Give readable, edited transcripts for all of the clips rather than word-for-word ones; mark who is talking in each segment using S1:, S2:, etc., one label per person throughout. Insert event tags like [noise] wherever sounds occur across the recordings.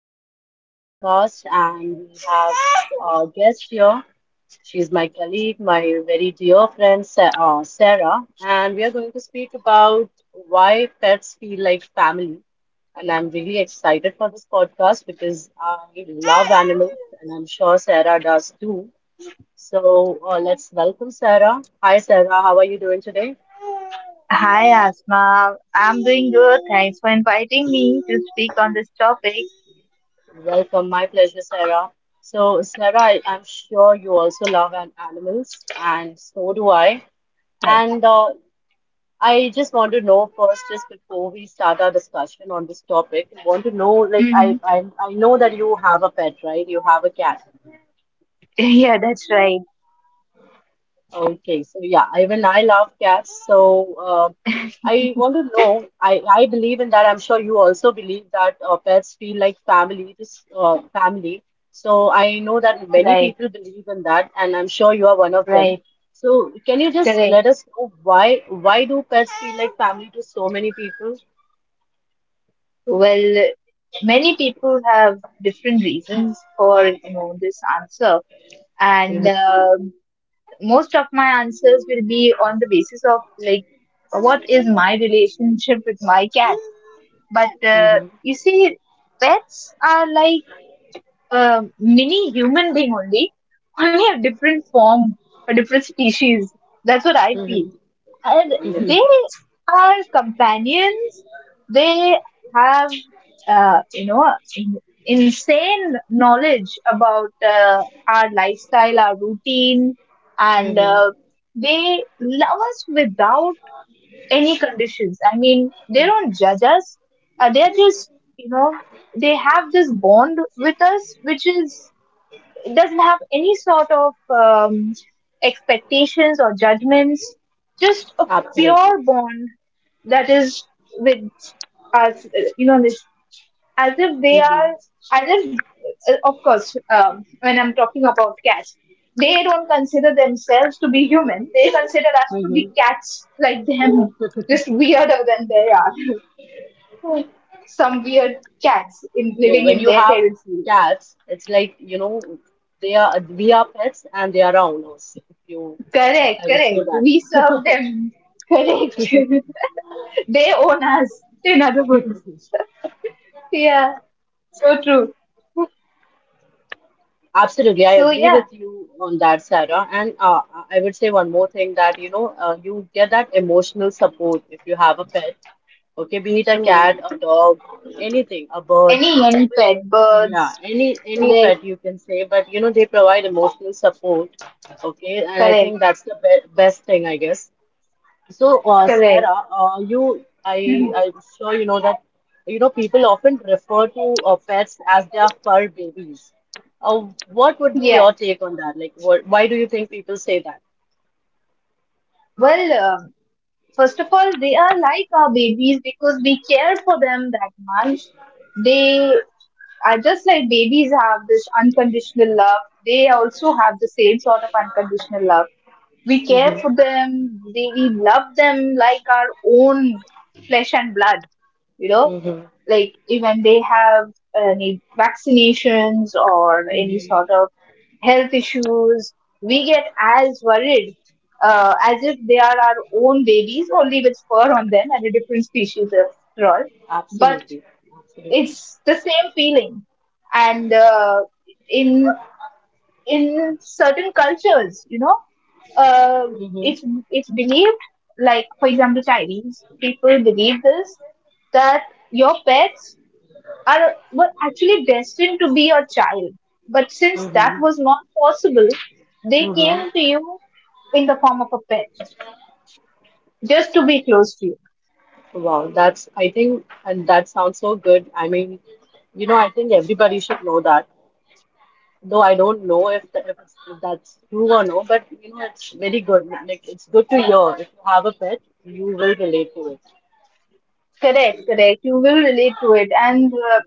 S1: For our podcast, and we have a guest here. She's my colleague, my very dear friend, Sarah, and we are going to speak about why pets feel like family. And I'm really excited for this podcast because I love animals, and I'm sure Sarah does too. So let's welcome Sarah. Hi, Sarah. How are you doing today?
S2: Hi Asma, I'm doing good. Thanks for inviting me to speak on this topic.
S1: Welcome. My pleasure, Sarah. So, Sarah, I'm sure you also love an animals, and so do I.
S2: Right.
S1: And I just want to know first, just before we start our discussion on this topic, I want to know, like, I,
S2: Hmm.
S1: I I know that you have a pet, right? You have a cat.
S2: [laughs] Yeah, that's right.
S1: Okay, so yeah, even I love cats. So
S2: [laughs]
S1: I want to know. I believe in that. I'm sure you also believe that pets feel like family. This family. So I know that many
S2: Right,
S1: people believe in that, and I'm sure you are one of them.
S2: right,
S1: So can you just
S2: correct.
S1: let us know why do pets feel like family to so many people?
S2: Well, many people have different reasons for this answer, and most of my answers will be on the basis of like what is my relationship with my cat. But
S1: Mm-hmm.
S2: you see, pets are like a mini human being only, only a different form, a different species. That's what I feel.
S1: Mm-hmm.
S2: And
S1: Mm-hmm.
S2: they
S1: [laughs]
S2: are companions. They have, uh, you know, in- insane knowledge about our lifestyle, our routine, and
S1: Mm-hmm.
S2: they love us without any conditions. I mean, they don't judge us. They're just, you know, they have this bond with us, which is it doesn't have any sort of expectations or judgments, just a
S1: Absolutely.
S2: pure bond that is with us, as if they
S1: Mm-hmm.
S2: are, as if, of course, when I'm talking about cats, they don't consider themselves to be human. They consider us to be
S1: Mm-hmm.
S2: cats like them, just weirder than they are. Some weird cats in
S1: No,
S2: living
S1: when
S2: in
S1: you
S2: their
S1: have
S2: territory.
S1: cats, it's like, you know, they are we are pets and they are our owners, if you
S2: Correct,
S1: I would
S2: correct.
S1: say that.
S2: We serve them. Correct. [laughs] They own us, in other words. Yeah, so true.
S1: Absolutely, I
S2: So
S1: agree
S2: yeah,
S1: with you on that, Sarah. And I would say one more thing that, you know, you get that emotional support if you have a pet, okay, be it a
S2: true.
S1: cat, a dog, anything, a bird.
S2: Any
S1: But
S2: pet
S1: yeah,
S2: birds
S1: any
S2: correct?
S1: pet you can say, but you know, they provide emotional support, okay, and I
S2: Correct,
S1: think that's the be best thing, I guess. So,
S2: correct.
S1: Sarah, you,
S2: Mhm.
S1: I'm sure you know that, you know, people often refer to pets as their fur babies. Uh, what would be
S2: Yeah.
S1: your take on that? Like, what, why do you think people say that?
S2: Well, first of all, they are like our babies because we care for them that much. They are just like babies have this unconditional love. They also have the same sort of unconditional love. We care
S1: Hmm.
S2: for them. We love them like our own flesh and blood. You know,
S1: Hmm. Hmm.
S2: like even they have any vaccinations or any sort of health issues, we get as worried as if they are our own babies, only with fur on them and a different species after all. But
S1: Absolutely. Absolutely.
S2: it's the same feeling, and in in certain cultures, uh,
S1: Hmm.
S2: it's it's believed, like for example, Chinese people believe this that your pets are were actually destined to be your child, but since that
S1: Hmm.
S2: was not possible, they
S1: Hmm.
S2: came to you in the form of a pet just to be close to you.
S1: Wow, that's, I think, and that sounds so good. I mean, you know, I think everybody should know that. Though I don't know if, the, if, it's, if that's true or no, but you know, it's very good. Like, it's good to hear. If you have a pet, you will relate to it.
S2: Correct, correct. You will relate to it, and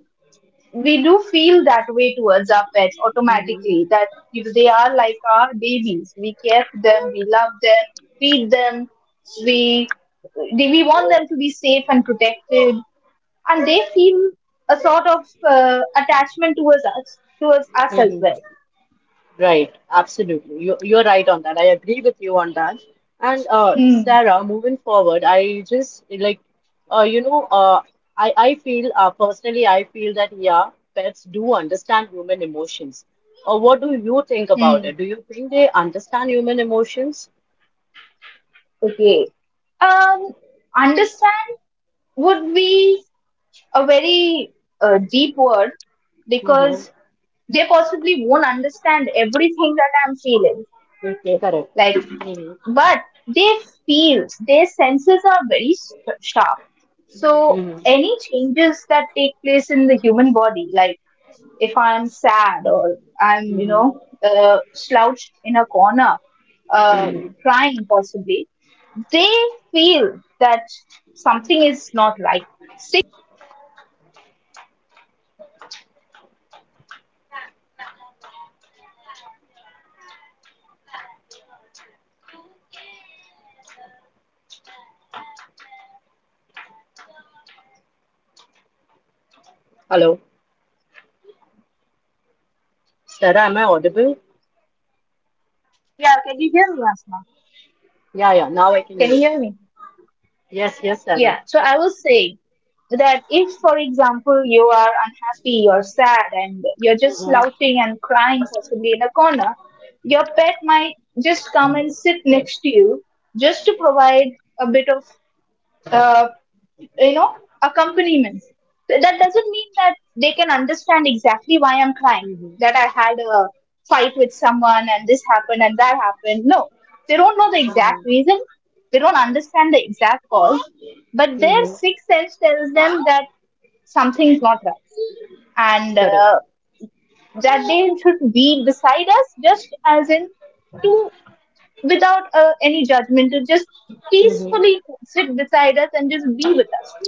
S2: we do feel that way towards our pets
S1: Hmm.
S2: automatically that if they are like our babies, we care for them, we love them, feed them, we we want them to be safe and protected, and they feel a sort of attachment towards us as
S1: Hmm.
S2: well.
S1: Right, absolutely. You're right on that. I agree with you on that. And
S2: Hmm.
S1: Sarah, moving forward, I just like, uh, you know, uh, I feel personally, I feel that yeah, pets do understand human emotions. Or what do you think about
S2: Hmm.
S1: it? Do you think they understand human emotions?
S2: okay um Understand would be a very deep word
S1: Mm-hmm.
S2: because they possibly won't understand everything that I'm feeling. Okay.
S1: Correct.
S2: Like, but they feel, their senses are very sharp. So,
S1: Mm-hmm.
S2: any changes that take place in the human body, like if I'm sad or I'm,
S1: Mm-hmm.
S2: slouched in a corner, uh,
S1: Mm-hmm.
S2: crying possibly, they feel that something is not right. See,
S1: Hello, Sarah, am I audible?
S2: yeah, can you hear me, Asma?
S1: Yeah, yeah, now I can hear
S2: Can you
S1: you.
S2: hear me?
S1: Yes, yes, Sarah.
S2: Yeah, so I was saying that if, for example, you are unhappy, you're sad, and you're just
S1: Mm-hmm.
S2: slouching and crying possibly in a corner, your pet might just come and sit next to you just to provide a bit of, uh, you know, accompaniment. So that doesn't mean that they can understand exactly why I'm crying,
S1: Mm-hmm.
S2: that I had a fight with someone and this happened and that happened. No, they don't know the
S1: Mm-hmm.
S2: exact reason, they don't understand the exact cause, but their
S1: Mm-hmm.
S2: sixth sense tells them that something's not right, and
S1: Correct.
S2: that they should be beside us, just as in to without any judgment, to just
S1: Mm-hmm.
S2: peacefully sit beside us and just be with us.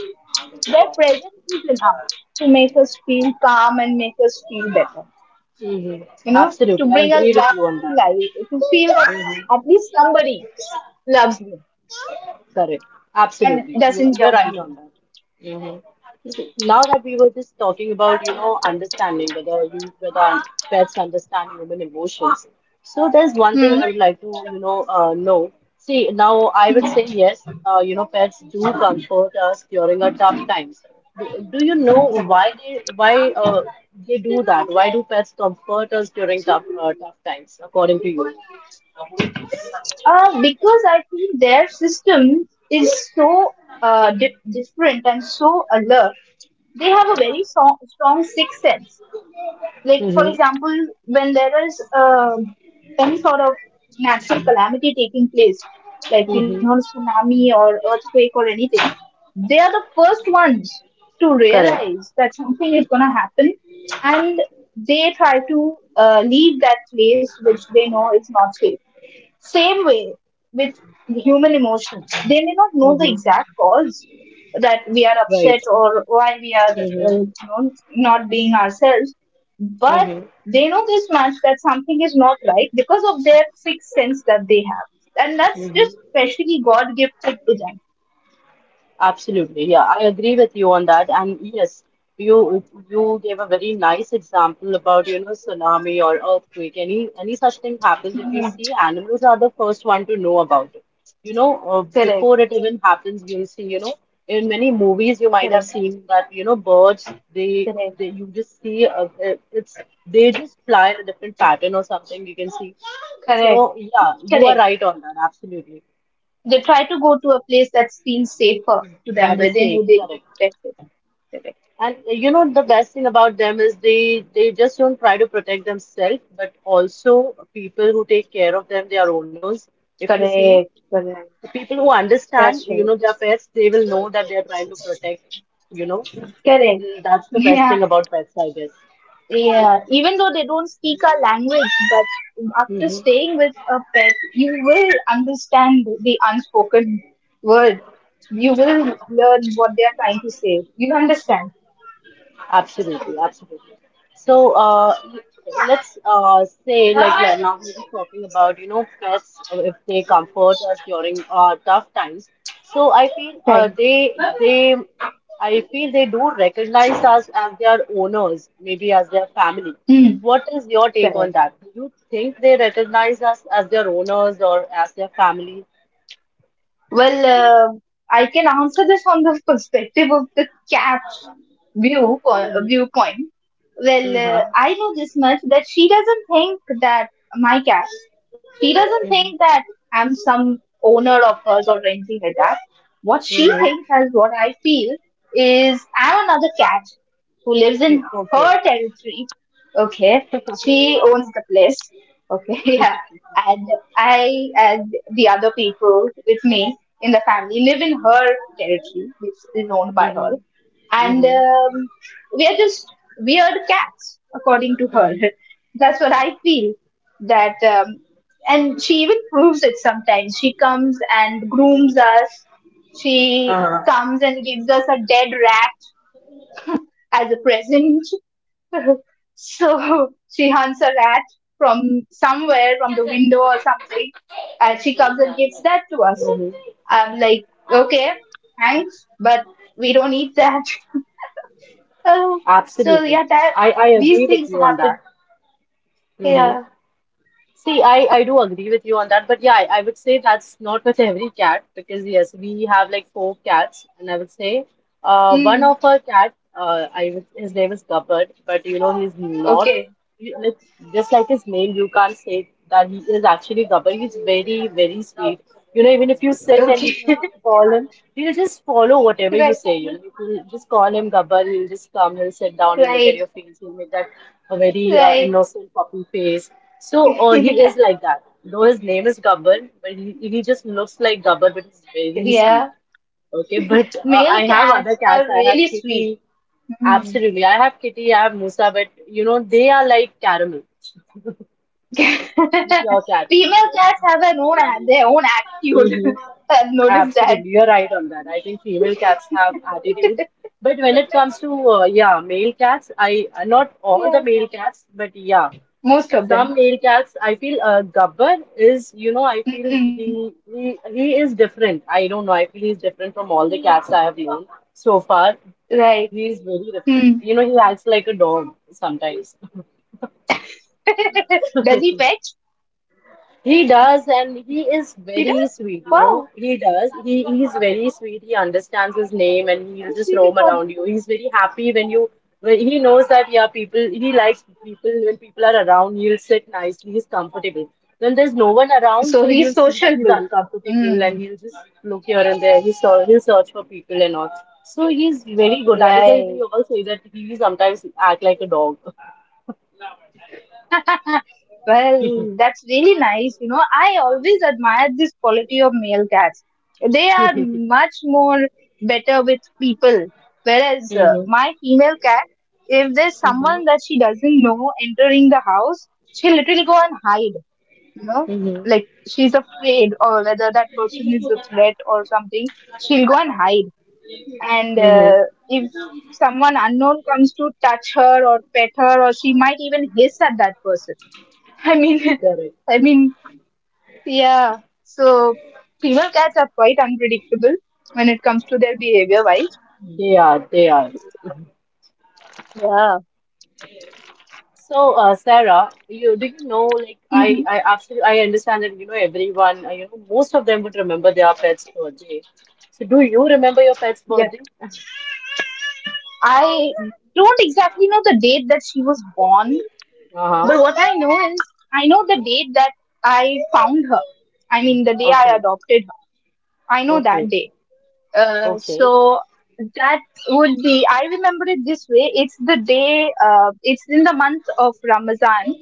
S2: Their presence is enough to make us feel calm and make us feel better,
S1: Mm-hmm.
S2: to
S1: Absolutely, I
S2: bring us
S1: agree with
S2: back
S1: you on
S2: to life, to feel that
S1: that.
S2: at least somebody loves me
S1: Correct.
S2: and
S1: Absolutely.
S2: doesn't
S1: You're
S2: judge
S1: right
S2: me.
S1: on that. Hmm. See, now that we were just talking about, you know, understanding whether pets understand human emotions. So there's one thing I would like to, you know, know. See, now I would say yes, you know, pets do comfort us during our tough times. Do you know why uh, they do that? Why do pets comfort us during
S2: Hmm.
S1: tough
S2: [laughs]
S1: times, according to you?
S2: Because I feel their system is so different and so alert. They have a very strong, strong sixth sense. Like, for
S1: Hmm.
S2: example, when there is any sort of natural calamity taking place, like, you know,
S1: Mm-hmm.
S2: tsunami or earthquake or anything, they are the first ones to
S1: Correct.
S2: realize that something is going to happen, and they try to leave that place which they know is not safe. Same way with human emotions, they may not know the
S1: Mm-hmm.
S2: exact cause that we are upset
S1: Right.
S2: or why we are,
S1: Mm-hmm.
S2: not being ourselves, but
S1: Mm-hmm.
S2: they know this much that something is not right because of their sixth sense that they have, and that's
S1: Mm-hmm.
S2: just specially God gifted to them.
S1: Absolutely, yeah, I agree with you on that. And yes, you gave a very nice example about, you know, tsunami or earthquake. Any such thing happens, if you
S2: Mhm.
S1: see, animals are the first one to know about it. You know,
S2: Correct,
S1: before it even happens, you'll see, you know, in many movies you might have
S2: correct,
S1: seen that, you know, birds
S2: correct,
S1: they you just see it's they just fly in a different pattern or something. You can see. So
S2: correct,
S1: yeah, you are
S2: correct.
S1: right on that. Absolutely.
S2: They try to go to a place that feels safer to them,
S1: That is
S2: within
S1: safe,
S2: who they will be
S1: correct.
S2: protected. Correct,
S1: And you know the best thing about them is they just don't try to protect themselves, but also people who take care of them, their owners. If you see
S2: correct, correct.
S1: the people who understand,
S2: That's
S1: you
S2: right.
S1: know, their pets, they will know that they are trying to protect. You know,
S2: Correct.
S1: mm, that's the best
S2: Yeah.
S1: thing about pets, I guess.
S2: Yeah. Even though they don't speak our language, but after
S1: Hmm.
S2: staying with a pet, you will understand the unspoken word. You will learn what they are trying to say. You'll understand.
S1: Absolutely, absolutely. So let's say like now we're just talking about you know pets if they comfort us during tough times. So I feel
S2: Right.
S1: they I feel they do recognize us as their owners, maybe as their family.
S2: Hmm.
S1: What is your take on
S2: Correct.
S1: that? Do you think they recognize us as their owners or as their family?
S2: Well, I can answer this on the perspective of the cat's
S1: Mm-hmm.
S2: viewpoint. Well,
S1: Mm-hmm.
S2: I know this much that she doesn't think that, my cat. She doesn't think
S1: Mm-hmm.
S2: that I'm some owner of hers or anything like that. What she
S1: Mm-hmm.
S2: thinks as what I feel is I'm another cat who lives in
S1: Okay.
S2: her territory. Okay, she owns the place. Okay, [laughs] yeah,
S1: [laughs]
S2: and I and the other people with me in the family live in her territory, which is owned by her.
S1: Mm-hmm.
S2: And
S1: Mm-hmm.
S2: we are just weird cats, according to her. [laughs] That's what I feel. That and she even proves it sometimes. She comes and grooms us. She
S1: 嗯，
S2: comes and gives us a dead rat as a present. [laughs] So she hunts a rat from somewhere, from the window or something, and she comes and gives that to us. I'm like, okay, thanks, but we don't need that. [laughs] Oh, so yeah,
S1: Absolutely.
S2: that
S1: I
S2: these
S1: agree with
S2: things
S1: you on
S2: happen.
S1: that. Hmm. See, I do agree with you on that, but yeah, I would say that's not with every cat because yes, we have like four cats, and I would say one
S2: Mm,
S1: of our cat I would, his name is Gabbard, but you know he's not
S2: okay,
S1: you- like, just like his name, you can't say that he is actually Gabbard. He's very very sweet. You know, even
S2: okay,
S1: if you call him, he'll just follow
S2: [laughs]
S1: whatever you
S2: right,
S1: say. You know, if you just call him Gabbar, he'll just come, he'll sit down and look at
S2: right,
S1: your face. He'll make that a very
S2: right.
S1: innocent puppy face. So he is
S2: [laughs]
S1: like that. Though his name is Gabbar, but he just looks like Gabbar, but he's very sweet.
S2: Yeah,
S1: Okay, but
S2: male
S1: I have other
S2: cats are
S1: cats. I have
S2: really sweet.
S1: Kitty.
S2: Mm.
S1: Absolutely, I have Kitty. I have Musa, but you know they are like caramel, like your
S2: [laughs]
S1: cat.
S2: Female cats have their own attitude.
S1: Mhm.
S2: [laughs] I've noticed that.
S1: Absolutely, you're right on that. I think female cats have attitude,
S2: [laughs]
S1: but when it comes to yeah, male cats, I not all the
S2: Yeah,
S1: male cats, but yeah,
S2: most of them.
S1: some male cats. I feel Gabbar is, you know, I feel
S2: Mm-mm.
S1: he is different. I don't know. I feel he's different from all the cats I have known so far.
S2: Right.
S1: He is very different.
S2: Hmm.
S1: You know, he acts like a dog sometimes.
S2: [laughs] Does he fetch?
S1: He does, and he is
S2: He does.
S1: very sweet, you know.
S2: Wow.
S1: He does. He he's very sweet. He understands his name and
S2: He's
S1: he'll just
S2: really
S1: roam around
S2: good.
S1: you. He's very happy when he knows that yeah, people he likes people when people are around, he'll sit nicely, he's comfortable. When there's no one around,
S2: So
S1: so
S2: he's
S1: you'll see that he's
S2: sociable.
S1: uncomfortable and
S2: Mm,
S1: he'll just look here and there. He'll search for people and all. So he's very good. That is why we
S2: right.
S1: all say that he sometimes act like a dog.
S2: [laughs] Well, that's really nice. You know, I always admired this quality of male cats. They are
S1: [laughs]
S2: much more better with people. Whereas
S1: Mm-hmm.
S2: my female cat, if there's
S1: Mm-hmm.
S2: someone that she doesn't know entering the house, she'll literally go and hide. You know,
S1: Mm-hmm.
S2: like she's afraid or whether that person is a threat or something. She'll go and hide. And
S1: Mm-hmm.
S2: if someone unknown comes to touch her or pet her, or she might even hiss at that person. [laughs] I mean,
S1: Correct.
S2: [laughs] I mean, yeah, so female cats are quite unpredictable when it comes to their behavior, right?
S1: They are, they are. Mhm.
S2: Yeah.
S1: So, Sarah, you do you know, like,
S2: Hmm.
S1: I absolutely, I understand that, you know, everyone, you know, most of them would remember their pet's birthday. So, do you remember your pet's
S2: Yeah.
S1: birthday?
S2: I don't exactly know the date that she was born,
S1: Uh-huh.
S2: but what I know is I know the date that I found her. I mean, the day I
S1: Okay.
S2: adopted her, I know that
S1: Okay.
S2: day. So
S1: Okay.
S2: that would be, I remember it this way, it's the day, it's in the month of Ramadan,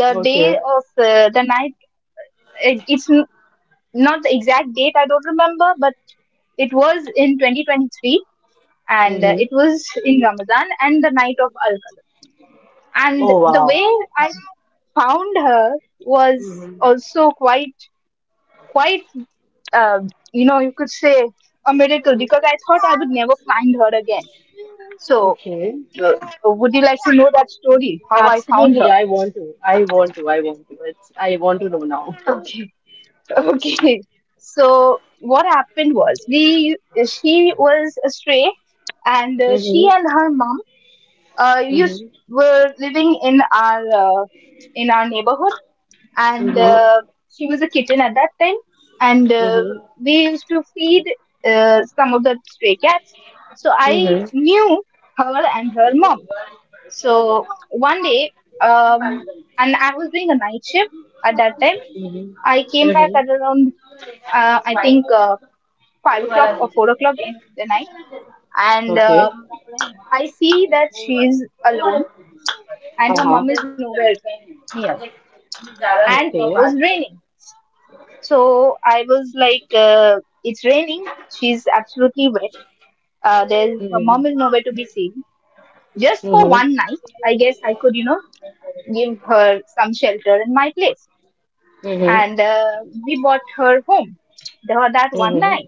S2: the day
S1: Okay.
S2: of the night, it's not the exact date I don't remember, but it was in 2023, and
S1: Mm-hmm.
S2: it was in Ramadan and the night of Al Qadr, and
S1: Oh,
S2: the
S1: wow.
S2: way I found her was
S1: Mm-hmm.
S2: also quite quite, uh, you could say a miracle because I thought I would never find her again. So.
S1: Okay.
S2: Uh, would you like to know that story? How I found her?
S1: Absolutely, I want to. I want to. I want to. It's, I want to know now.
S2: Okay, [laughs] okay. So what happened was, we she was a stray, and she
S1: Mm-hmm.
S2: and her mom used
S1: Mm-hmm.
S2: were living in our neighborhood, and
S1: Mm-hmm.
S2: she was a kitten at that time, and
S1: Mm-hmm.
S2: we used to feed some of the stray cats. So I
S1: Mm-hmm.
S2: knew her and her mom. So one day, um, and I was doing a night shift at that time. I came back
S1: Mm-hmm.
S2: at around, uh, I think, uh, 5 o'clock or 4 o'clock in the night, and
S1: Okay.
S2: I see that she's alone and her
S1: Uh-huh. Okay.
S2: mom is nowhere near, and it was raining. So I was like, it's raining. She's absolutely wet. There's her
S1: Mhm.
S2: mom is nowhere to be seen. Just for
S1: Mhm.
S2: one night, I guess I could, you know, give her some shelter in my place.
S1: Mhm.
S2: And we brought her home that one
S1: Mhm.
S2: night.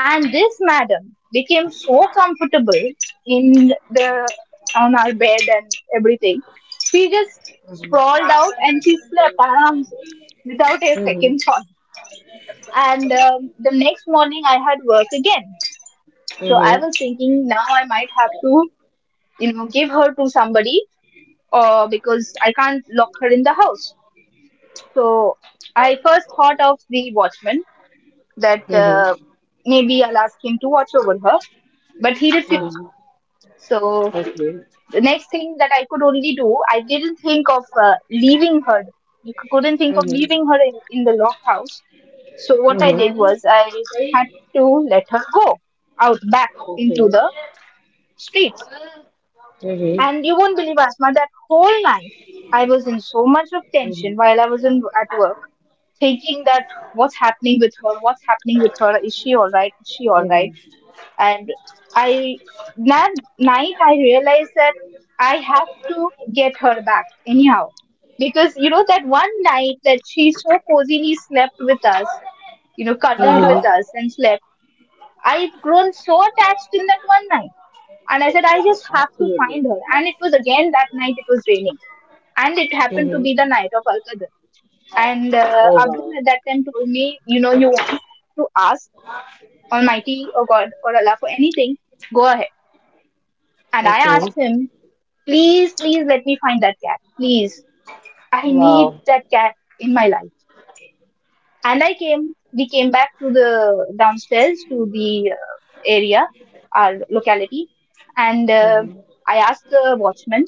S2: And this madam became so comfortable in the on our bed and everything. She just sprawled out and she slept around without a second thought. And the next morning, I had work again. So
S1: Mhm.
S2: I was thinking now I might have to, you know, give her to somebody, or because I can't lock her in the house. So I first thought of the watchman that
S1: Mhm. Mhm.
S2: maybe I'll ask him to watch over her, but he refused.
S1: Mhm.
S2: So
S1: Okay.
S2: the next thing that I could only do, I didn't think of leaving her. You couldn't think of
S1: Mhm.
S2: leaving her in the locked house. So what I
S1: Mhm.
S2: did was I had to let her go out back into
S1: Okay.
S2: the streets.
S1: Mhm.
S2: And you won't believe, Asma, that whole night I was in so much of
S1: Mhm.
S2: tension while I was in, at work, thinking that what's happening with her, is she all right, is she all
S1: Mhm.
S2: right? And I that night I realized that I have to get her back anyhow, because you know that one night that she so cozily slept with us, you know, cuddled
S1: Mhm.
S2: with us and slept, I've grown so attached in that one night. And I said I just have to
S1: Absolutely.
S2: find her, and it was again that night. It was raining, and it happened
S1: Mhm.
S2: to be the night of Al Qadr. And
S1: Oh wow.
S2: Abdul at that time told me, you know, you want to ask Almighty or God or Allah for anything, go ahead. And I
S1: Okay.
S2: asked him, please, please let me find that cat. Please. I need
S1: Wow.
S2: that cat in my life. And we came back to the downstairs to the area, our locality. And I asked the watchman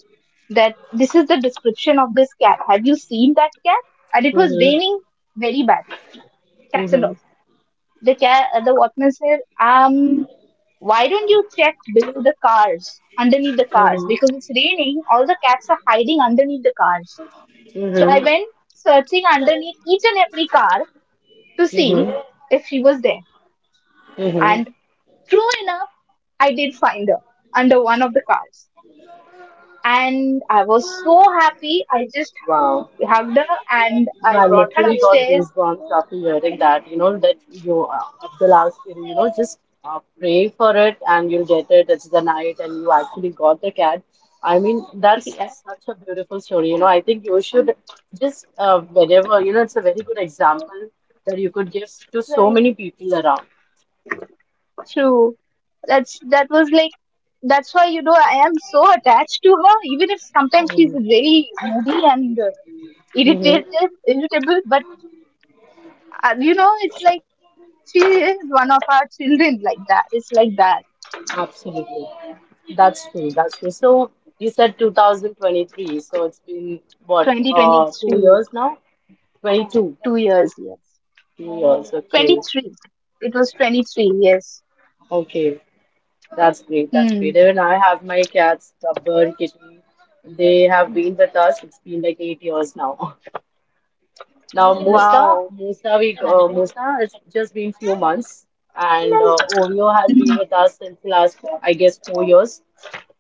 S2: that this is the description of this cat. Have you seen that cat? And it was
S1: Mhm.
S2: raining very badly. Cats and
S1: Mhm.
S2: dogs. The watchman said, why don't you check below the cars, underneath the cars?
S1: Mhm.
S2: Because it's raining, all the cats are hiding underneath the cars. So I
S1: Mhm.
S2: went searching underneath each and every car to see
S1: Mhm.
S2: if she was there.
S1: Mm-hmm.
S2: And true enough, I did find her under one of the cars. And I was so happy. I just
S1: Wow.
S2: hugged her and
S1: You know,
S2: I
S1: I
S2: brought her
S1: literally got
S2: upstairs.
S1: goosebumps after hearing that. You know, that you, Abdul asked, you know, just pray for it and you'll get it. It's the night, and you actually got the cat. I mean, that's such a beautiful story. You know, I think you should just, whenever, you know, it's a very good example that you could give to so
S2: Like,
S1: many people around.
S2: true. That's that was like that's why you know I am so attached to her, even if sometimes she's really moody and
S1: Mm-hmm.
S2: irritated, irritable. But you know, it's like she is one of our children like that. It's like that.
S1: Absolutely. That's true. That's true. So you said 2023. So it's been what, two
S2: 2023,
S1: years now? 22.
S2: 2 years, yes.
S1: 2 years. Okay.
S2: 23. It was 23, yes.
S1: Okay. That's great. That's great.
S2: Hmm.
S1: Even I have my cats, Tubber, Kitten. They have been with us. It's been like 8 years now. [laughs] Now
S2: Wow. Amazing. [laughs]
S1: Musa. It's just been few months, and Oreo has been
S2: Mhm.
S1: with us since the last, I guess, 4 years.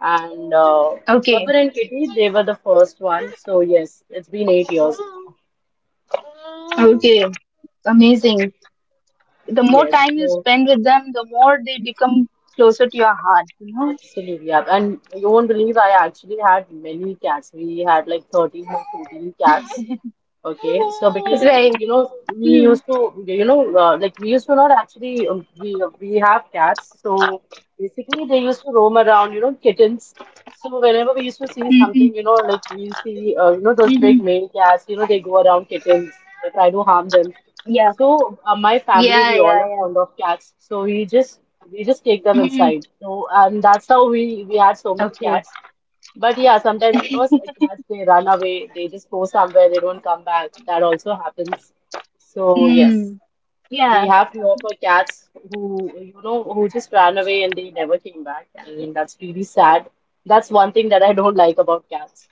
S1: And
S2: Okay.
S1: Gabbar and Kitty, they were the first one. So yes, it's been 8 years now.
S2: Okay. Amazing. The more
S1: Yes,
S2: time you
S1: so
S2: spend with them, the more they become closer to your heart, you
S1: absolutely. Yeah. And you won't believe I actually had many cats. We had like 13 or 14 cats. Okay, so
S2: know?
S1: because
S2: Right.
S1: we
S2: Hmm.
S1: used to we used to not actually we have cats, so basically they used to roam around, you know, kittens. So whenever we used to see
S2: Mm-hmm.
S1: something, you know, like we see you know, those big
S2: Mm-hmm.
S1: male cats, you know, they go around kittens, they try to harm them.
S2: Yeah.
S1: So my family, we
S2: Yeah,
S1: all are
S2: yeah,
S1: fond of cats, so we just take them
S2: yeah. hmm
S1: inside. So and that's how we had so many
S2: Okay.
S1: cats. But yeah, sometimes, you know, cats, they run away, they just go somewhere, they don't come back. That also happens. So
S2: Mm,
S1: yes,
S2: yeah.
S1: we have to offer cats who, you know, who just ran away and they never came back. I mean, that's really sad. That's one thing that I don't like about cats.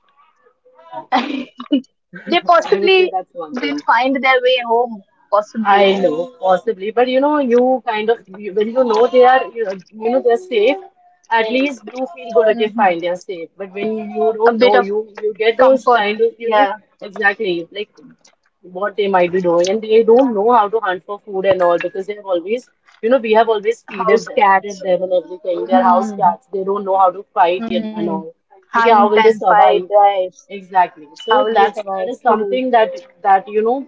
S2: [laughs] They
S1: [laughs] I would say
S2: possibly
S1: that's one
S2: didn't
S1: thing.
S2: find their way home, possibly.
S1: I know, possibly, but you know, you kind of you, when you know they are, you know, they're safe. At least you feel good. Okay,
S2: Hmm.
S1: fine, they're safe. But when you
S2: A
S1: don't
S2: bit
S1: know,
S2: of
S1: you get those
S2: comfort.
S1: kind of, you know,
S2: Yeah.
S1: exactly like what they might be doing, and they don't know how to hunt for food and all because they have always, you know, we have always
S2: House
S1: feeded
S2: cats.
S1: them and everything. They're house
S2: Mm,
S1: cats. They don't know how to fight and
S2: mm.
S1: all. Okay,
S2: Hunt
S1: how will they
S2: and fight,
S1: survive?
S2: right?
S1: Exactly.
S2: How
S1: So
S2: will we
S1: that's
S2: survive?
S1: that is
S2: True.
S1: something that that you know.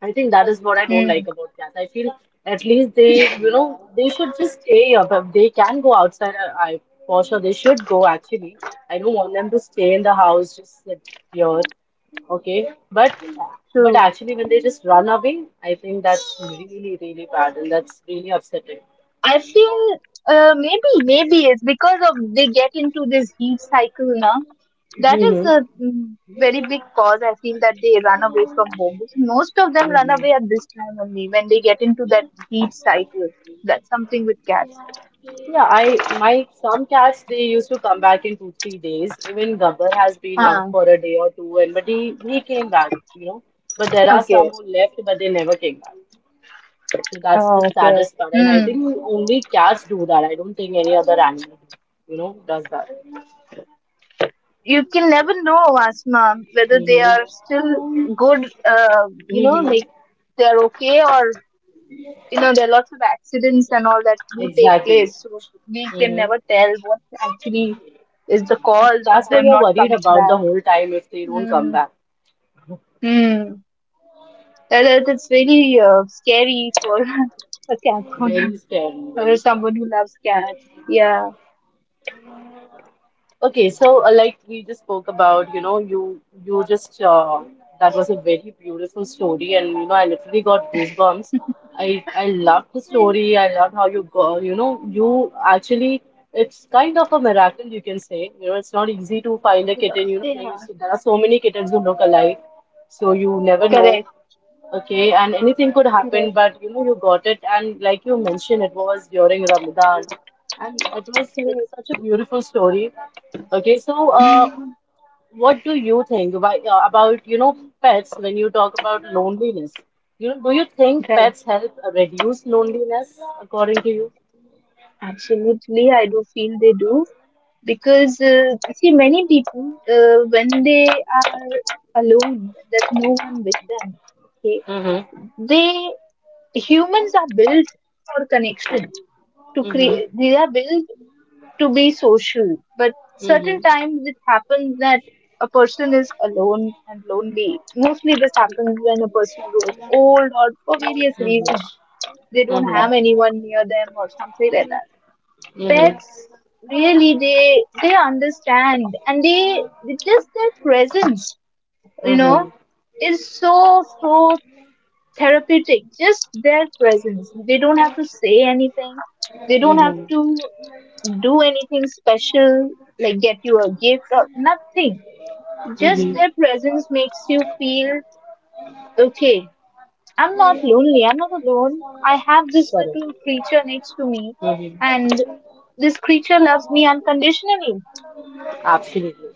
S1: I think that is what I don't
S2: Mm,
S1: like about cats. I feel at least they, you know, they should just stay up. If they can go outside. I for sure, they should go actually. I don't want them to stay in the house, just sit here. Okay, but but
S2: true.
S1: actually when they just run away, I think that's really really really bad and that's really upsetting.
S2: I feel maybe it's because of they get into this heat cycle now. That is
S1: Mm-hmm.
S2: a very big cause. I feel that they run away from home. Most of them run away at this time only when they get into that heat cycle. That's something with cats.
S1: Yeah, I, my some cats they used to come back in 2 or 3 days. Even Gabbar has been out
S2: Ah,
S1: for a day or two, and but he came back, you know. But there are some
S2: okay.
S1: who left, but they never came back. So that's
S2: Oh,
S1: the
S2: okay.
S1: saddest part, and I
S2: Hmm.
S1: think only cats do that. I don't think any other animal, you know, does that.
S2: You can never know, Asma, whether they
S1: Hmm.
S2: are still good, you know,
S1: Hmm.
S2: like they're okay, or, you know, there are lots of accidents and all that do take
S1: Exactly.
S2: place. So we can
S1: Hmm.
S2: never tell what actually is the cause of
S1: That's what
S2: them
S1: you're
S2: not
S1: worried
S2: coming
S1: about the
S2: back.
S1: whole time if they don't come
S2: Hmm.
S1: back.
S2: Hmm. That's very scary for [laughs] a cat owner
S1: Very scary,
S2: [laughs] or
S1: very scary.
S2: someone who loves cats. Yeah.
S1: Okay, so like we just spoke about, you know, you just that was a very beautiful story, and you know, I literally got goosebumps. I loved the
S2: I-
S1: story. I loved how you go, you know, you actually it's kind of a miracle you can say. You know, it's not easy to find a
S2: I
S1: kitten.
S2: don't-
S1: You know, there is
S2: Yeah.
S1: there are so many kittens who look alike, so you never know.
S2: Correct.
S1: Okay, and anything could happen,
S2: Correct.
S1: but you know, you got it, and like you mentioned, it was during Ramadan, and it's
S2: Correct.
S1: such a beautiful story. Okay, so
S2: [laughs]
S1: what do you think why, about you know pets when you talk about loneliness? You know, do you think
S2: Right.
S1: pets help reduce loneliness according to you?
S2: Absolutely. I do feel they do, because see many people, when they are alone, when there's no one with them. Okay,
S1: Mm-hmm.
S2: they humans are built for connection to
S1: Mm-hmm.
S2: create. They are built to be social, but certain
S1: Mm-hmm.
S2: times it happens that a person is alone and lonely. Mostly this happens when a person grows old or for various
S1: Mm-hmm.
S2: reasons. They don't have
S1: Mm-hmm.
S2: anyone near them or something like that.
S1: Mm-hmm.
S2: Pets really they understand, and they just their presence, you know, is so so therapeutic. Just their presence. They don't have to say anything. They don't have
S1: Mm-hmm.
S2: to do anything special, like get you a gift or nothing. Just
S1: Mm-hmm.
S2: their presence makes you feel okay. I'm not lonely. I'm not alone. I have this
S1: Correct.
S2: little creature next to me, and
S1: Mm-hmm.
S2: this creature loves me unconditionally.
S1: Absolutely.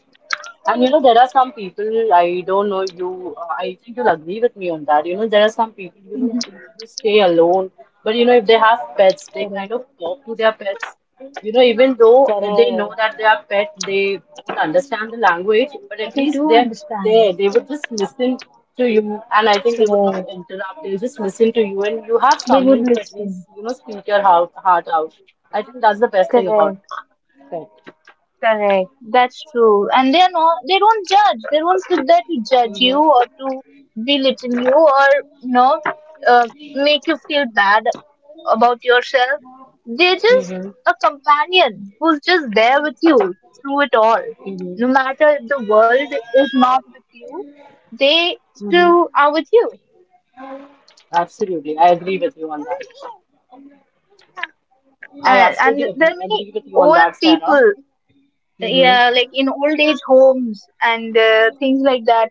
S1: And you know, there are some people, I don't know you, I think you'll agree with me on that. You know, there are some people, you know,
S2: Mhm.
S1: who stay alone. But, you know, if they have pets, they
S2: Correct.
S1: kind of talk to their pets. You know, even though they know
S2: Correct.
S1: that they are pet, they don't understand the language, but at
S2: They
S1: least
S2: do
S1: they're there.
S2: understand.
S1: They would just listen to you, and I think they would not
S2: Correct.
S1: interrupt. They'll just listen to you, and you have
S2: They
S1: someone
S2: would
S1: to at least,
S2: listen.
S1: you know, speak your heart out. I think that's the best thing about
S2: Correct.
S1: pet.
S2: Correct. That's true. And they are not, they don't judge. They don't sit there to judge you or
S1: Mm-hmm.
S2: to belittle you or, you know, uh, make you feel bad about yourself. They're just
S1: Mm-hmm.
S2: a companion who's just there with you through it all.
S1: Mm-hmm.
S2: No matter if the world is not with you, they
S1: Mm-hmm.
S2: still are with you.
S1: Absolutely, I agree with you on that. I
S2: And,
S1: absolutely
S2: and there
S1: agree,
S2: are many
S1: agree with you on
S2: old
S1: that, Sarah.
S2: people,
S1: Mm-hmm.
S2: yeah, like in old age homes and things like that,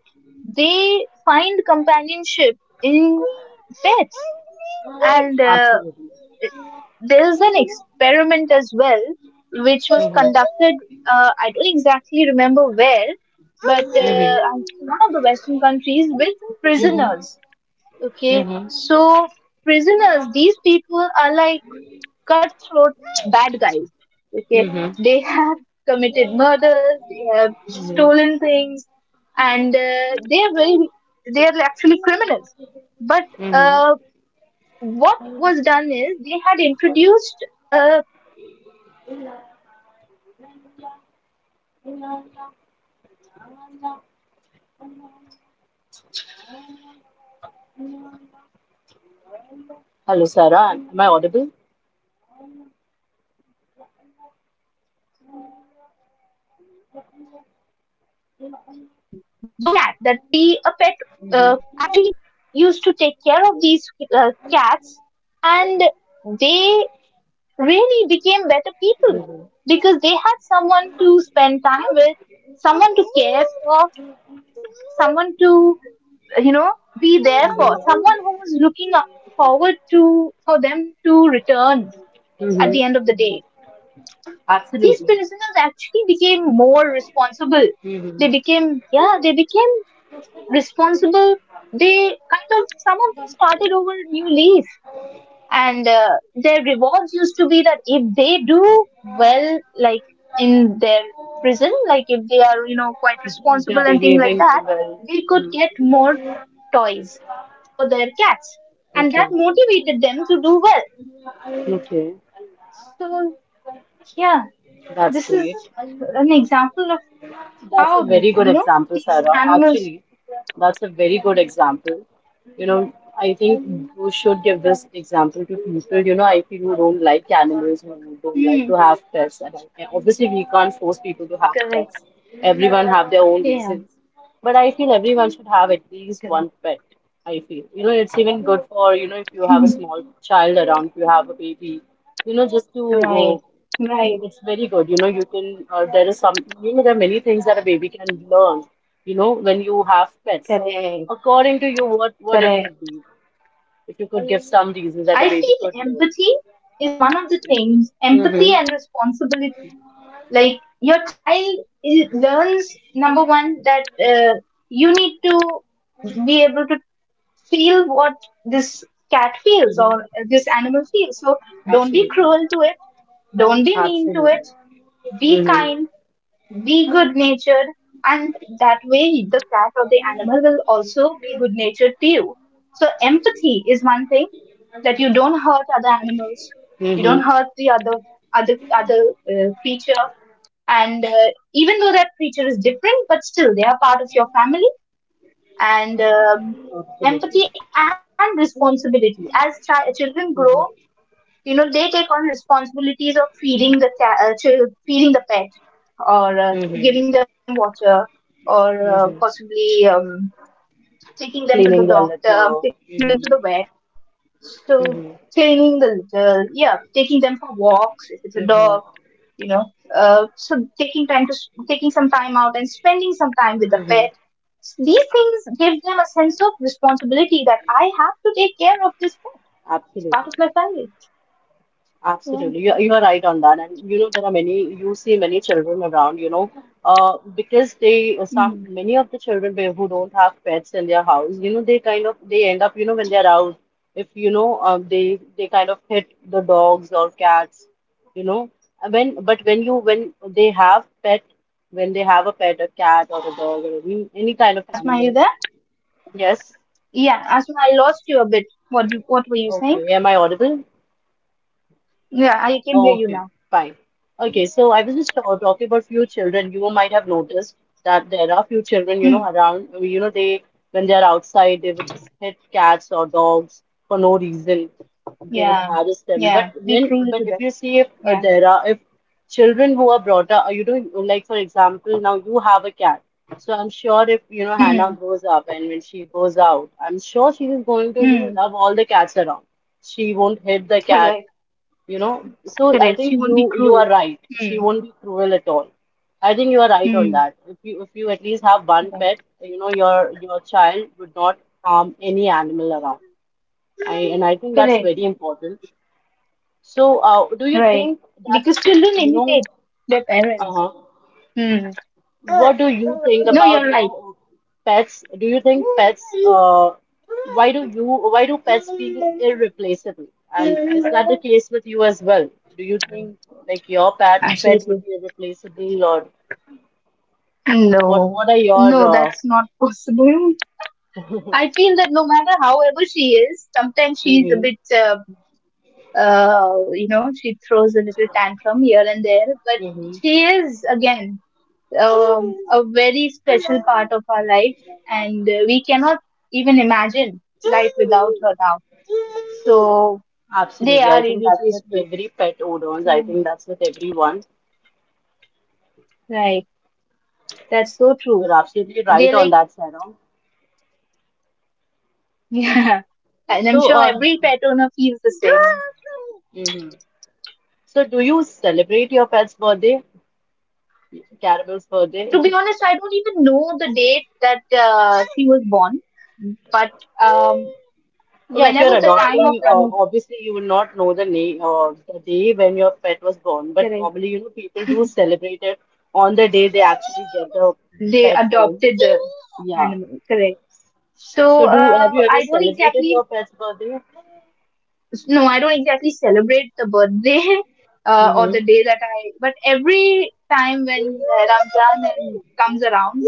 S2: they find companionship in pets. And
S1: Absolutely.
S2: there's an experiment as well which was
S1: Mm-hmm.
S2: conducted. I don't exactly remember where, but
S1: Mm-hmm.
S2: I think one of the western countries with
S1: Mm-hmm.
S2: prisoners. Okay,
S1: Mm-hmm.
S2: so prisoners, these people are like cutthroat bad guys. Okay,
S1: Mm-hmm.
S2: they have committed murders, they have
S1: Mm-hmm.
S2: stolen things, and they are very they are actually criminals. But
S1: Mm-hmm.
S2: uh, what was done is they had introduced a, a cat that every prisoner who behaves well can be a pet uh, caretaker. And these pets also were strays from a
S1: Hello, Sarah.
S2: rescue,
S1: Am I audible?
S2: and they needed a home, someone to take care of them. So it was a win-win situation. Uh, you know what happened? Those prisoners
S1: Mm-hmm.
S2: actually used to take care of these cats, and they really became better people
S1: Mm-hmm.
S2: because they had someone to spend time with, someone to care for, someone to, you know, be there for,
S1: Mm-hmm.
S2: someone who was looking forward to for them to return at
S1: Mm-hmm.
S2: the end of the day. These
S1: Absolutely.
S2: prisoners actually became more responsible.
S1: Mm-hmm.
S2: They became, yeah, they became responsible. They kind of, some of them started over a new leaf, and their rewards used to be that if they do well, like in their prison, like if they are, you know, quite
S1: They're
S2: responsible and things like
S1: behaving
S2: that,
S1: well.
S2: they could get
S1: Mm-hmm.
S2: more toys for their cats, and
S1: Okay.
S2: that motivated them to do well.
S1: Okay.
S2: So yeah,
S1: That's
S2: this is
S1: great.
S2: an example of
S1: That's a
S2: how,
S1: very good
S2: you know,
S1: example,
S2: these
S1: Sarah.
S2: animals
S1: Actually, that's a very good example. You know, I think you should give this example to people. You know, if you don't like animals or you don't like
S2: Hmm.
S1: to have pets, and obviously we can't force people to have
S2: Correct.
S1: pets. Everyone have their own
S2: Yeah.
S1: reasons, but I feel everyone should have at least one
S2: Correct.
S1: pet. I feel, you know, it's even good for, you know, if you have a small child around, if you have a baby, you know, just to
S2: [laughs] Right.
S1: uh,
S2: Right.
S1: it's very good. You know, you can, there is some, you know, there are many things that a baby can learn, you know, when you have pets.
S2: Correct.
S1: According to you, what it
S2: Correct.
S1: could be. If you could give some reasons that a
S2: I
S1: baby could
S2: feel
S1: learn.
S2: empathy is one of the things, empathy
S1: Mm-hmm.
S2: and responsibility. Like your child learns, number one, that you need to be able to feel what this cat feels
S1: Mm-hmm.
S2: or this animal feels. So don't be
S1: Absolutely.
S2: cruel to it, don't be mean to
S1: Absolutely.
S2: it, be
S1: Mm-hmm.
S2: kind, be good natured, and that way the cat or the animal will also be good natured to you. So empathy is one thing, that you don't hurt other animals, you
S1: Mm-hmm.
S2: don't hurt the other creature, and even though that creature is different, but still they are part of your family. And
S1: Absolutely.
S2: empathy and responsibility, as children grow,
S1: Mm-hmm.
S2: you know, they take on responsibility, or possibly taking them to the doctor, taking them to
S1: Mm-hmm.
S2: the vet, responsibilities of feeding the
S1: Mm-hmm.
S2: feeding the pet, or giving them
S1: Cleaning
S2: water.
S1: their litter.
S2: So
S1: Mm-hmm.
S2: cleaning the litter,
S1: Mm-hmm.
S2: yeah, taking them for walks if it's a dog, you know.
S1: Mm-hmm.
S2: So taking time to taking some time out and spending some time with the pet. These
S1: Mm-hmm.
S2: things give them a sense of responsibility that I have to take care of this pet. It's part of my
S1: Absolutely.
S2: family. Yeah.
S1: Absolutely, you are right on that, and you know there are many you see many children around, you know, because they
S2: Mm.
S1: some many of the children who don't have pets in their house, you know, they kind of they end up, you know, when they are out, if you know, they
S2: Hello,
S1: kind of
S2: Asma.
S1: hit the dogs or cats, you know, and when but when you when they
S2: Hello,
S1: have
S2: Asma.
S1: pet, when they have a pet, a cat or a dog or any kind of
S2: Asma, are
S1: animal,
S2: you there?
S1: yes,
S2: Yeah, Asma, I lost you a bit. What were you saying?
S1: okay, am I audible?
S2: Yeah, I can hear you
S1: Okay,
S2: now.
S1: fine. Okay, so I was just talking about few children. You might have noticed that there are few children, you know,
S2: Hmm.
S1: around, you know, they, when they are outside, they would just hit cats or dogs for no reason. They would
S2: Yeah.
S1: harass them. But
S2: Yeah. Be
S1: when,
S2: cruel
S1: but
S2: to
S1: if
S2: them.
S1: you see if
S2: Yeah.
S1: there are, if children who are brought up, you know, like for example, now you have a cat. So I'm sure if, you know, Hannah
S2: Hmm.
S1: grows up and when she goes out, I'm sure she is going to, you know,
S2: Hmm.
S1: love all the cats around. She won't hit the
S2: [laughs]
S1: cat,
S2: Correct.
S1: you know. So I
S2: Correct. She
S1: think you
S2: won't be
S1: you are
S2: cruel.
S1: right, she
S2: Hmm.
S1: won't be cruel at all. I think you are right on that.
S2: Hmm.
S1: If you if you at least have one pet,
S2: Correct.
S1: you know, your child would not harm any animal around, I and I think that's very
S2: Correct.
S1: important. So do you
S2: Right.
S1: think that
S2: Because children
S1: you know
S2: imitate their parents.
S1: uh-huh
S2: Hmm.
S1: what do you think
S2: No,
S1: about,
S2: you're
S1: you
S2: right.
S1: know, pets? Do you think pets, why do you, why do pets feel irreplaceable? And is that the case with you as well? Do you think like your pet would
S2: Absolutely.
S1: be irreplaceable or
S2: No,
S1: what are your
S2: no, that's not [laughs] possible. I feel that no matter however she is, sometimes she's
S1: hmm.
S2: a bit, you know, she throws a little tantrum here and there, but
S1: Hmm.
S2: she is again. A very special part of our life, and we cannot even imagine life without her now. So they
S1: Absolutely.
S2: are
S1: I think that's with
S2: irreplaceable.
S1: every pet owners. I
S2: Yeah.
S1: think that's with everyone.
S2: Right. That's so true.
S1: You're absolutely right
S2: They're
S1: on
S2: like,
S1: that, Sarah.
S2: [laughs] yeah. And I'm
S1: So,
S2: sure every pet owner feels the same.
S1: mhm. So do you celebrate your pet's birthday? Caramel's birthday?
S2: To be
S1: [laughs]
S2: honest, I don't even know the date that she was born, but um,
S1: Yeah, if
S2: whenever
S1: you're
S2: the time of
S1: adopting,
S2: run,
S1: obviously you will not know the name the day when your pet was born, but
S2: correct,
S1: normally, you know, people do celebrate it on the day they actually get the
S2: they
S1: pet home.
S2: adopted the
S1: Yeah.
S2: animal, correct.
S1: So
S2: So
S1: do have you ever
S2: I don't
S1: celebrated
S2: exactly
S1: your pet's birthday?
S2: no, I don't exactly celebrate the birthday [laughs] or
S1: Mm-hmm.
S2: the day that I, but every time when Ramzan and comes around,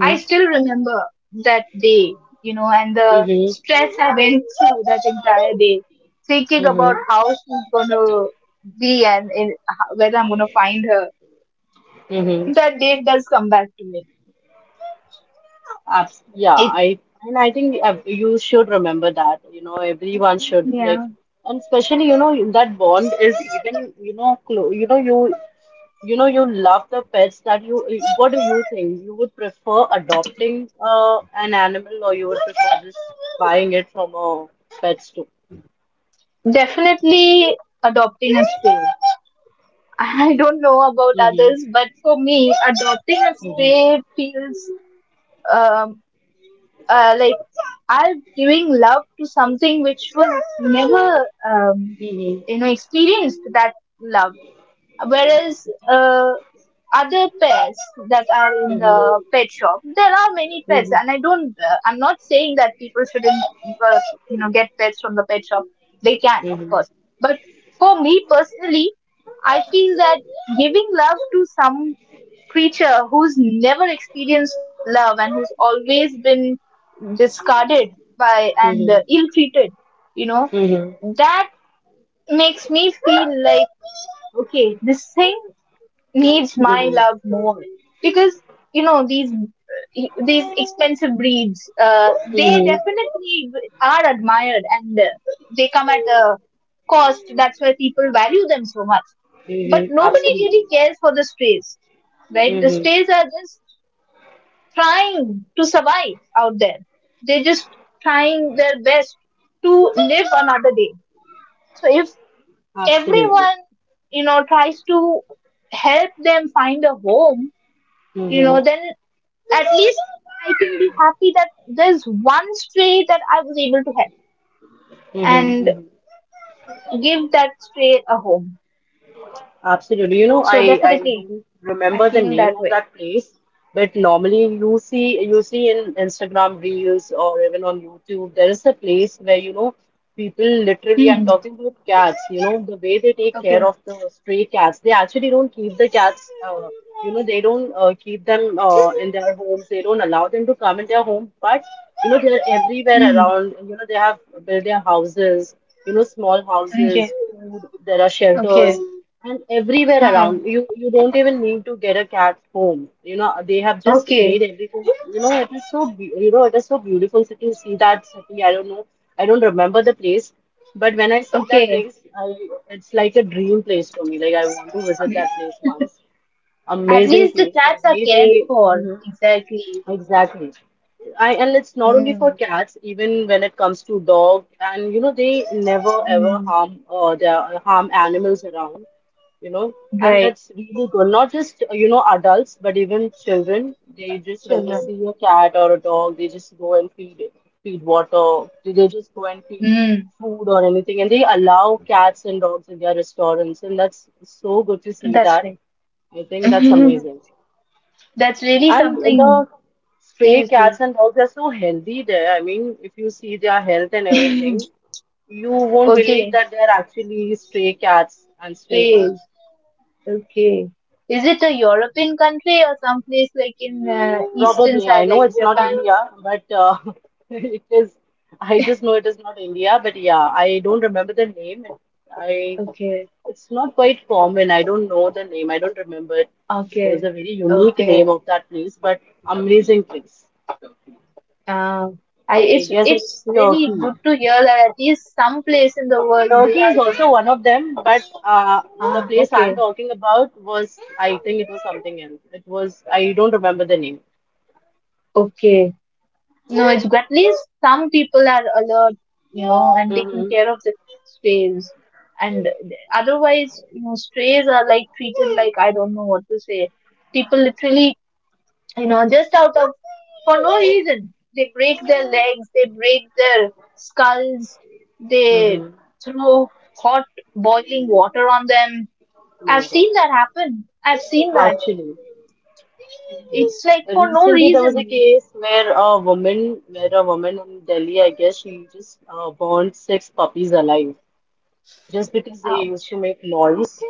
S2: I still remember that day, you know, and the
S1: Mm-hmm.
S2: stress I went through that entire day, thinking about
S1: Mm-hmm.
S2: how she's gonna be and in, how- whether I'm gonna find her.
S1: Mm-hmm.
S2: That day does come back to me.
S1: Abs Yeah,
S2: It
S1: I and I think you should remember that, you know, everyone should like,
S2: Yeah.
S1: and especially, you know, that bond is even, you know, close, you know you love the pets that you what do you think you would prefer adopting an animal or you would prefer just buying it from a pet store.
S2: Definitely adopting a space. I don't know about
S1: Mm-hmm.
S2: others, but for me, adopting a
S1: Mm-hmm.
S2: stray feels um, like I'm giving love to something which was never,
S1: Mm-hmm.
S2: experienced that love. Whereas other pets that are in
S1: Mm-hmm.
S2: the pet shop, there are many pets
S1: Mm-hmm.
S2: and I'm not saying that people shouldn't uh, you know, get pets from the pet shop. They can, of
S1: Mm-hmm.
S2: course, but for me personally, I feel that giving love to some creature who's never experienced love and who's always been discarded by and
S1: Mm-hmm.
S2: ill treated, you know,
S1: Mm-hmm.
S2: that makes me feel like, okay, this thing needs my
S1: Mm-hmm.
S2: love more. Because you know, these expensive breeds, they
S1: Mm-hmm.
S2: definitely are admired, and they come at a cost. That's why people value them so much. But
S1: Mm-hmm.
S2: nobody really
S1: Absolutely.
S2: cares for the strays, right? The
S1: Mm-hmm.
S2: strays are just trying to survive out there. They're just trying their best to live another day. So if
S1: Absolutely.
S2: everyone, you know, tries to help them find a home, you
S1: Mm-hmm.
S2: know, then at least I can be happy that there's one stray that I was able to help
S1: Mm-hmm.
S2: and
S1: Mm-hmm.
S2: give that stray a home.
S1: Absolutely. You know, I
S2: So
S1: I
S2: definitely,
S1: don't remember
S2: I
S1: the
S2: feel
S1: name of
S2: that way.
S1: that place, but normally you see in Instagram reels or even on YouTube, there is a place where you know people literally, I'm
S2: Hmm.
S1: talking about cats, you know, the way they take care
S2: Okay.
S1: of the stray cats. They actually don't keep the cats, you know, they don't keep them in their homes. They don't allow them to come in their home, but you know, they are everywhere
S2: Hmm.
S1: around. You know, they have built their houses, you know, small
S2: Okay.
S1: houses, food, there are
S2: Okay.
S1: shelters and everywhere
S2: Huh.
S1: around, you don't even need to get a cat home, you know, they have just
S2: Okay.
S1: made everything, you know, it is so you know, it is so beautiful city, see that city, I don't know, I don't remember the place, but when I see that
S2: Okay.
S1: place, I it's like a dream place for me, like I want to visit that place once,
S2: At
S1: amazing
S2: least the
S1: place the
S2: cats are
S1: way they
S2: cared for.
S1: Mhm.
S2: Exactly.
S1: Exactly. I and it's not only for
S2: Hmm.
S1: cats, even when it comes to dogs, and you know they never ever
S2: Hmm.
S1: harm their harm animals around, you know, and
S2: Right.
S1: that's really good. Not just you know adults, but even children. They just when they
S2: Children.
S1: see a cat or a dog, they just go and feed feed water. They just go and feed
S2: Mm,
S1: food or anything, and they allow cats and dogs in their restaurants, and that's so good to see
S2: that's
S1: that.
S2: right.
S1: I think that's amazing.
S2: That's really
S1: And
S2: something.
S1: the stray cats
S2: Seriously.
S1: and dogs are so healthy there. I mean, if you see their health and everything, you won't believe
S2: Okay.
S1: that they're actually stray cats and stray
S2: Spain.
S1: dogs.
S2: Okay. Is it a European country or someplace like in eastern
S1: Probably, I
S2: side,
S1: know
S2: like
S1: it's not
S2: Japan?
S1: India, but [laughs] it is. I just know it is not India, but yeah, I don't remember the name. It, I
S2: Okay.
S1: it's not quite common. I don't know the name. I don't remember. It was
S2: Okay.
S1: a very unique
S2: Okay.
S1: name of that place, but amazing place.
S2: Uh, I,
S1: I guess it's
S2: it's really
S1: Turkey.
S2: good to hear that at least some place in the world they
S1: Turkey
S2: are.
S1: is also one of them, but the
S2: Ah,
S1: place
S2: okay.
S1: I'm talking about was, I think it was something else. It was, I don't remember the name.
S2: Okay. No, it's good. At least some people are alert, you know, and taking
S1: Mm-hmm.
S2: care of the strays. And otherwise, you know, strays are like treated like, I don't know what to say. People literally, you know, just out of, for no reason, they break their legs, they break their skulls, they
S1: Mm-hmm.
S2: throw hot boiling water on them.
S1: My
S2: I've
S1: God.
S2: seen that happen. I've seen that.
S1: Actually,
S2: It's like for no
S1: recently there was a
S2: reason.
S1: case where a woman in Delhi, I guess she just burned 6 puppies alive just because they used to
S2: Ouch.
S1: make noise.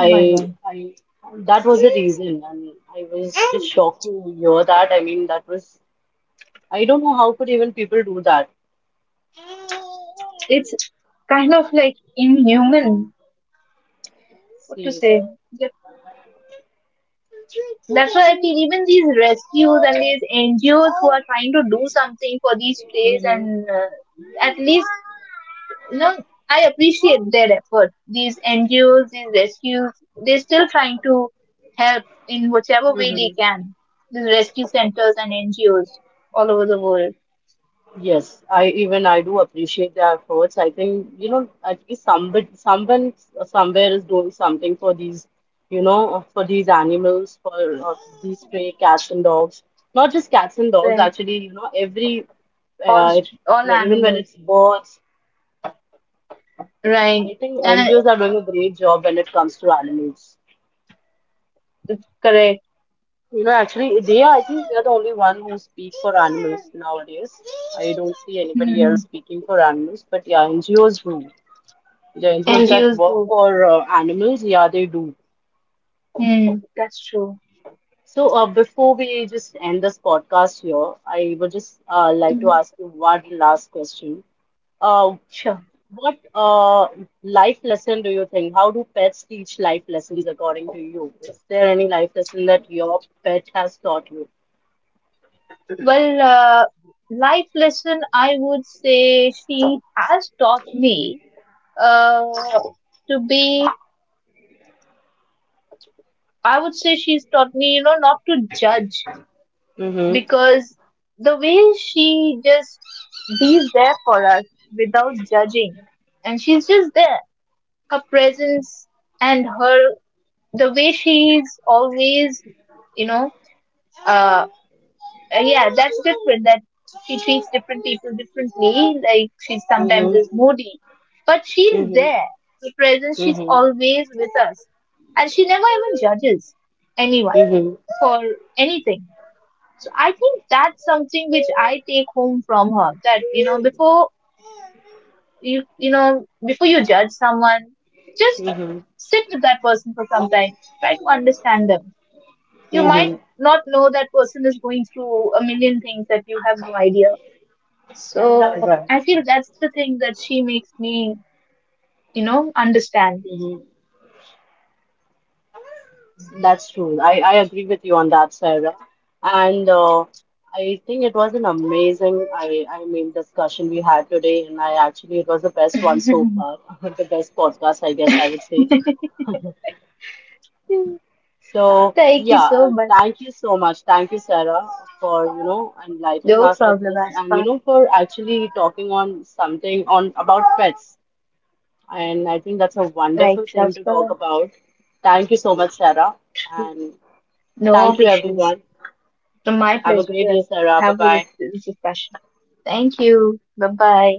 S2: Oh my god.
S1: I, that was the reason, and I was just shocked to hear that. I mean, that was, I don't know how could even people do that.
S2: It's kind of like inhuman. What to say?
S1: Seriously.
S2: Yep. That's why I feel even these rescues and these NGOs, who are trying to do something for these strays,
S1: Mm-hmm.
S2: and at least, you know, I appreciate their effort. These NGOs, these rescues, they're still trying to help in whichever way they
S1: Mm-hmm.
S2: can. These rescue centers and NGOs all over the world.
S1: Yes, I even I do appreciate their efforts. I think you know at least somebody, someone somewhere is doing something for these, you know, for these animals, for these stray cats and dogs. Not just cats and dogs,
S2: Right.
S1: actually. You know, every
S2: All
S1: uh,
S2: all
S1: even when
S2: animals,
S1: it's birds,
S2: right?
S1: I think
S2: And
S1: NGOs are doing a great job when it comes to animals.
S2: correct.
S1: You know, actually, they are, I think they are the only one who speak for animals nowadays. I don't see anybody
S2: Mm-hmm.
S1: else speaking for animals, but yeah, NGOs do. The NGOs
S2: And
S1: that
S2: use
S1: work
S2: those.
S1: for animals, yeah, they do.
S2: Hmm. That's true.
S1: So, before we just end this podcast here, I would just like
S2: Mhm.
S1: to ask you one last question. Uh,
S2: Sure.
S1: what life lesson do you think? How do pets teach life lessons according to you? Is there any life lesson that your pet has taught you?
S2: Well, life lesson, I would say, she has taught me uh, to be. I would say she's taught me, you know, not to judge.
S1: Mm-hmm.
S2: Because the way she just be there for us without judging, and she's just there. Her presence, and her, the way she's always, you know, uh, yeah, that's different. That she treats different people differently. Like, she sometimes
S1: Mm-hmm.
S2: is moody, but she's there. Her presence, she's
S1: Mhm.
S2: always with us, and she never even judges anyone
S1: Mhm.
S2: for anything. So I think that's something which I take home from her. That, you know, before you you know before you judge someone, just
S1: Mhm.
S2: sit with that person for some time. Try to understand them. You might
S1: Mhm.
S2: not know that person is going through a million things that you have no idea. So
S1: Right.
S2: I feel that's the thing that she makes me, you know, understand.
S1: Mhm. That's true. I agree with you on that, Sarah. And I think it was an amazing, I mean, discussion we had today. And I actually, it was the best one so far,
S2: [laughs]
S1: [laughs] the best podcast, I guess I would say. So,
S2: Thank you
S1: yeah,
S2: so much.
S1: thank you so much. Thank you, Sarah, for, you know, enlightening
S2: No
S1: us with
S2: problem,
S1: this and,
S2: Aspa.
S1: you know, for actually talking on something on about pets. And I think that's a
S2: Right,
S1: wonderful thing to talk
S2: Aspa,
S1: about. Thank you so much, Sarah. And
S2: no
S1: thank you,
S2: issues.
S1: everyone.
S2: It's my
S1: Have a
S2: pleasure
S1: great
S2: to
S1: day, Sarah. Bye
S2: have
S1: bye.
S2: a discussion. Thank you. Bye bye.